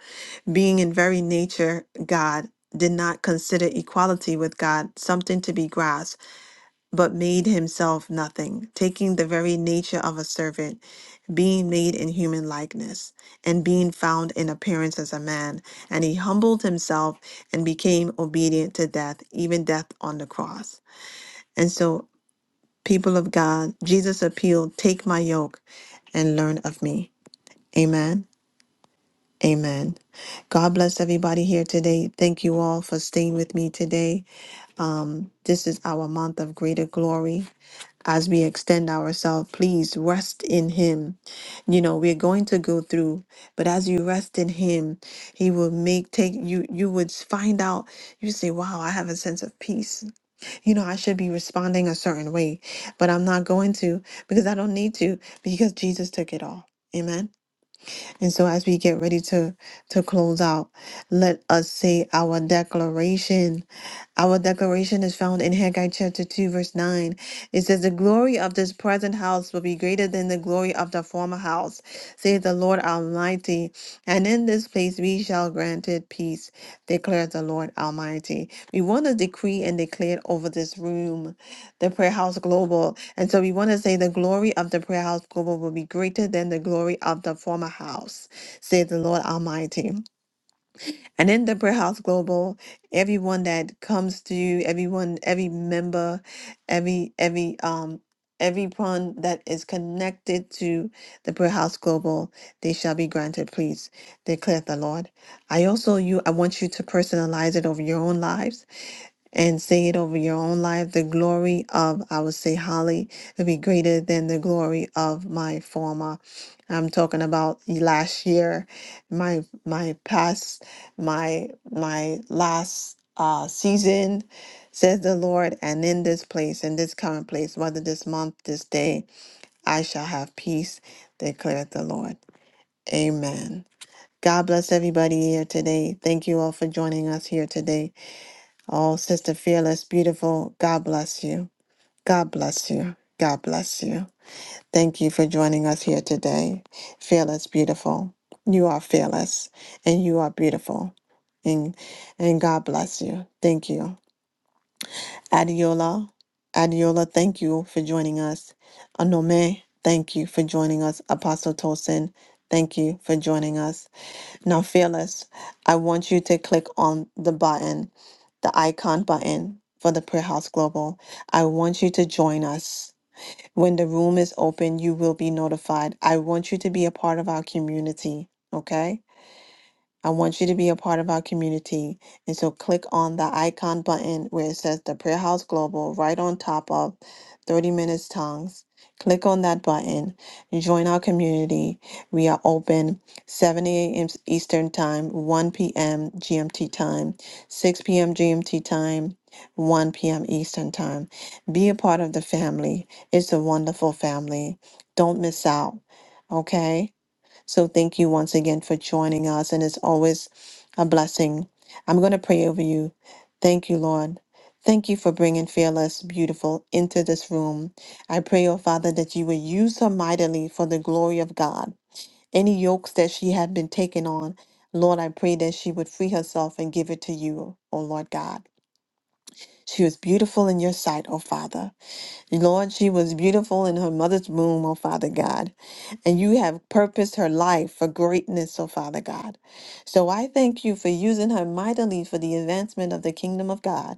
being in very nature God, did not consider equality with God something to be grasped, but made himself nothing, taking the very nature of a servant being made in human likeness, and being found in appearance as a man. And he humbled himself and became obedient to death, even death on the cross. And so, people of God, Jesus appealed, Take my yoke and learn of me. Amen. Amen. God bless everybody here today. Thank you all for staying with me today. Um, this is our month of greater glory. as we extend ourselves, please rest in Him. You know, we're going to go through, but as you rest in Him, He will make take you. You would find out. You say, "Wow, I have a sense of peace." You know, I should be responding a certain way, but I'm not going to because I don't need to because Jesus took it all. Amen. And so, as we get ready to to close out, let us say our declaration our declaration is found in Haggai chapter 2, verse 9. It says, The glory of this present house will be greater than the glory of the former house, saith the Lord Almighty. And in this place we shall grant it peace, declares the Lord Almighty. We want to decree and declare over this room, the Prayer House Global. And so we want to say, The glory of the Prayer House Global will be greater than the glory of the former house, saith the Lord Almighty. And in the Prayer House Global, everyone that comes to you, everyone, every member, every every um everyone that is connected to the Prayer House Global, they shall be granted, please, declare the Lord. I also you I want you to personalize it over your own lives and say it over your own life. The glory of, I would say, Holly will be greater than the glory of my former. I'm talking about last year, my my past, my my last uh, season, says the Lord, and in this place, in this current place, whether this month, this day, I shall have peace, declareth the Lord. Amen. God bless everybody here today. Thank you all for joining us here today. Oh, Sister Fearless, beautiful. God bless you. God bless you. God bless you. Thank you for joining us here today. Fearless, beautiful. You are fearless and you are beautiful. And, and God bless you. Thank you. Adiola, Adiola, thank you for joining us. Anome, thank you for joining us. Apostle Tosin, thank you for joining us. Now, Fearless, I want you to click on the button, the icon button for the Prayer House Global. I want you to join us. When the room is open, you will be notified. I want you to be a part of our community, okay? I want you to be a part of our community. And so click on the icon button where it says the Prayer House Global right on top of 30 Minutes Tongues. Click on that button. and Join our community. We are open 7 a.m. Eastern Time, 1 p.m. GMT Time, 6 p.m. GMT Time, 1 p.m. Eastern Time. Be a part of the family. It's a wonderful family. Don't miss out. Okay? So thank you once again for joining us, and it's always a blessing. I'm going to pray over you. Thank you, Lord. Thank you for bringing Fearless Beautiful into this room. I pray, oh Father, that you would use her mightily for the glory of God. Any yokes that she had been taking on, Lord, I pray that she would free herself and give it to you, oh Lord God. She was beautiful in your sight, oh Father. Lord, she was beautiful in her mother's womb, oh Father God. And you have purposed her life for greatness, oh Father God. So I thank you for using her mightily for the advancement of the kingdom of God.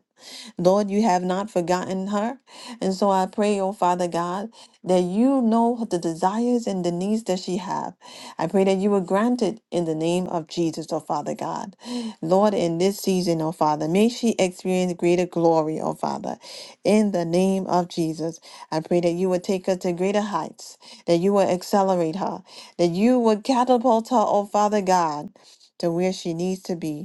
Lord, you have not forgotten her. And so I pray, oh Father God, that you know the desires and the needs that she have. I pray that you will grant it in the name of Jesus, oh Father God. Lord, in this season, oh Father, may she experience greater glory, oh Father. In the name of Jesus, I pray that you will take her to greater heights, that you will accelerate her, that you will catapult her, oh Father God, to where she needs to be.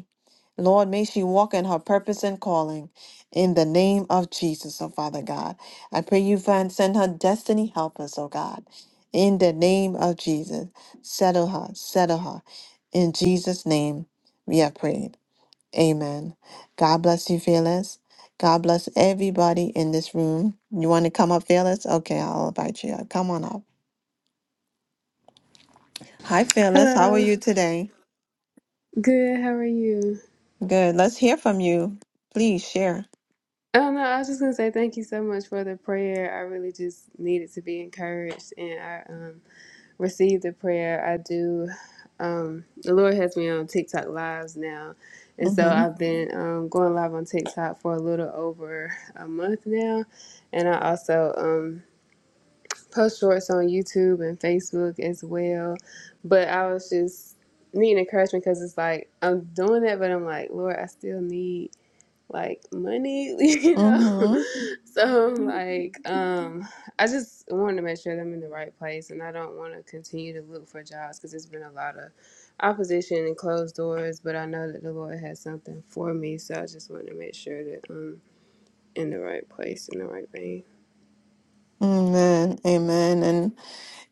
Lord, may she walk in her purpose and calling in the name of Jesus, oh Father God. I pray you find send her destiny helpers, oh God. In the name of Jesus. Settle her, settle her. In Jesus' name we have prayed. Amen. God bless you, Fearless. God bless everybody in this room. You want to come up, Fearless? Okay, I'll invite you. up. Come on up. Hi, Fearless. How are Hello. you today? Good. How are you? Good. Let's hear from you. Please share. Oh no, I was just gonna say thank you so much for the prayer. I really just needed to be encouraged, and I um, received the prayer. I do. Um, the Lord has me on TikTok lives now, and so Mm-hmm. I've been um, going live on TikTok for a little over a month now, and I also um, post shorts on YouTube and Facebook as well. But I was just needing encouragement because it's like I'm doing that, but I'm like, Lord, I still need. like money, you know. Mm-hmm. So like um I just wanted to make sure that I'm in the right place and I don't want to continue to look for jobs cuz there's been a lot of opposition and closed doors, but I know that the Lord has something for me, so I just wanted to make sure that I'm in the right place in the right vein. Amen. Amen. And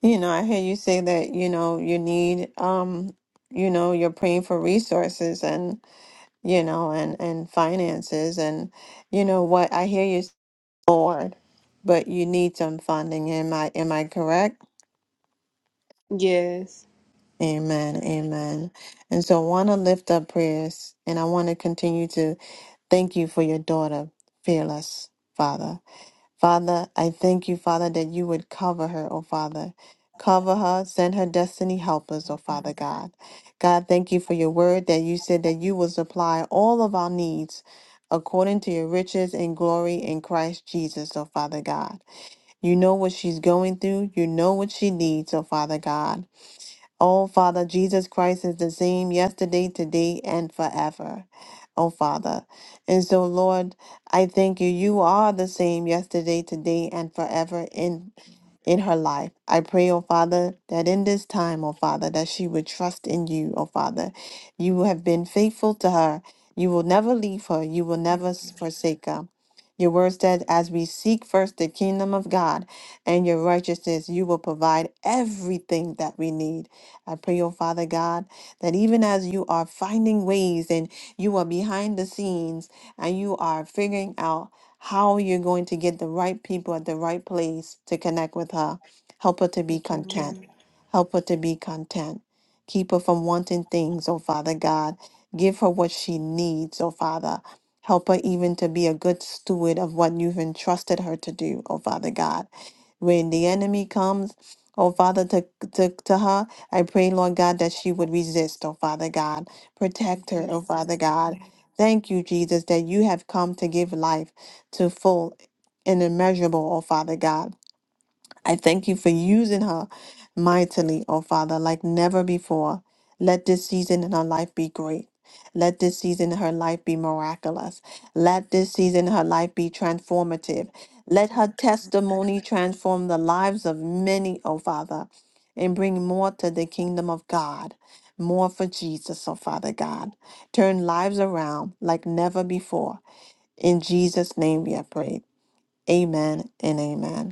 you know, I hear you say that, you know, you need um, you know, you're praying for resources and, you know, and and finances and you know what I hear you say, Lord, but you need some funding. Am I am I correct? Yes. Amen. Amen. And so I want to lift up prayers and I want to continue to thank you for your daughter, Fearless, Father. Father, I thank you, Father, that you would cover her, oh Father. Cover her, send her destiny helpers, oh Father God. God, thank you for your word that you said that you will supply all of our needs according to your riches and glory in Christ Jesus, oh Father God. You know what she's going through, you know what she needs, oh Father God. Oh, Father, Jesus Christ is the same yesterday, today, and forever. Oh, Father. And so, Lord, I thank you. You are the same yesterday, today, and forever in in her life. I pray, oh Father, that in this time, oh Father, that she would trust in you, oh Father. You have been faithful to her. You will never leave her. You will never s- forsake her. Your word said, as we seek first the kingdom of God and your righteousness, you will provide everything that we need. I pray, oh Father God, that even as you are finding ways and you are behind the scenes and you are figuring out how you're going to get the right people at the right place to connect with her, help her to be Thank you, content. Lord. Help her to be content. Keep her from wanting things, oh Father God. Give her what she needs, oh Father. Help her even to be a good steward of what you've entrusted her to do, oh Father God. When the enemy comes, oh Father, to, to, to her, I pray, Lord God, that she would resist, oh Father God. Protect her, oh Yes. Father God. Thank you, Jesus, that you have come to give life to full and immeasurable, oh Father God. I thank you for using her mightily, oh Father, like never before. Let this season in her life be great. Let this season in her life be miraculous. Let this season in her life be transformative. Let her testimony transform the lives of many, oh Father, and bring more to the kingdom of God, more for Jesus, oh Father God. Turn lives around like never before. In Jesus' name we have prayed. Amen and amen.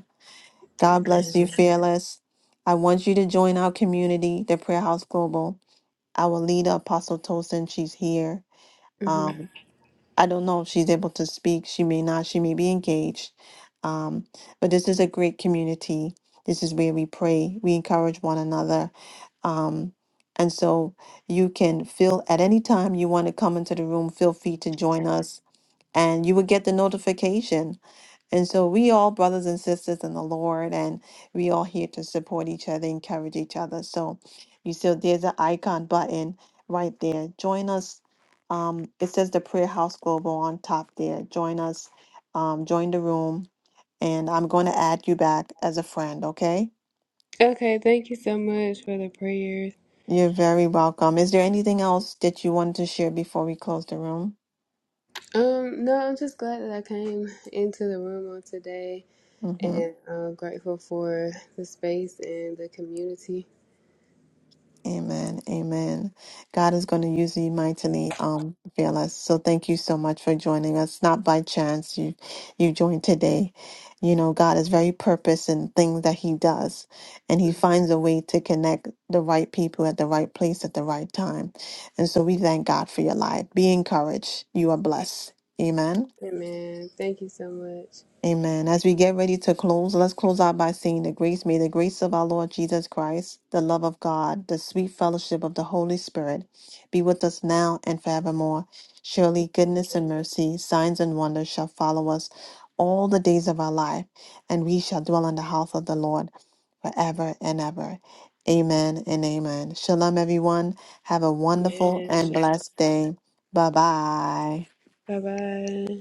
God bless Amen. you, Fearless. I want you to join our community, the Prayer House Global. Our leader, Apostle Tosin, she's here. hmm Um, I don't know if she's able to speak. She may not. She may be engaged. Um, but this is a great community. This is where we pray. We encourage one another. Um, and so you can feel at any time you want to come into the room, feel free to join us. And you will get the notification and so we all brothers and sisters in the Lord, and we all here to support each other, encourage each other. So you see, there's an icon button right there. Join us. Um, it says the Prayer House Global on top there. Join us. Um, join the room, and I'm going to add you back as a friend. Okay. Okay, thank you so much for the prayers. You're very welcome. Is there anything else that you wanted to share before we close the room? Um, no, I'm just glad that I came into the room on today Mm-hmm. and I'm grateful for the space and the community. Amen. Amen. God is going to use you mightily, um, Fearless. So thank you so much for joining us. Not by chance you you joined today. You know, God is very purpose in things that He does, and He finds a way to connect the right people at the right place at the right time. And so we thank God for your life. Be encouraged. You are blessed. Amen. Amen. Thank you so much. Amen. As we get ready to close, let's close out by saying the grace. May the grace of our Lord Jesus Christ, the love of God, the sweet fellowship of the Holy Spirit be with us now and forevermore. Surely goodness and mercy, signs and wonders shall follow us all the days of our life, and we shall dwell in the house of the Lord forever and ever. Amen and amen. Shalom, everyone. Have a wonderful Amen. and blessed day. Bye bye. Bye bye.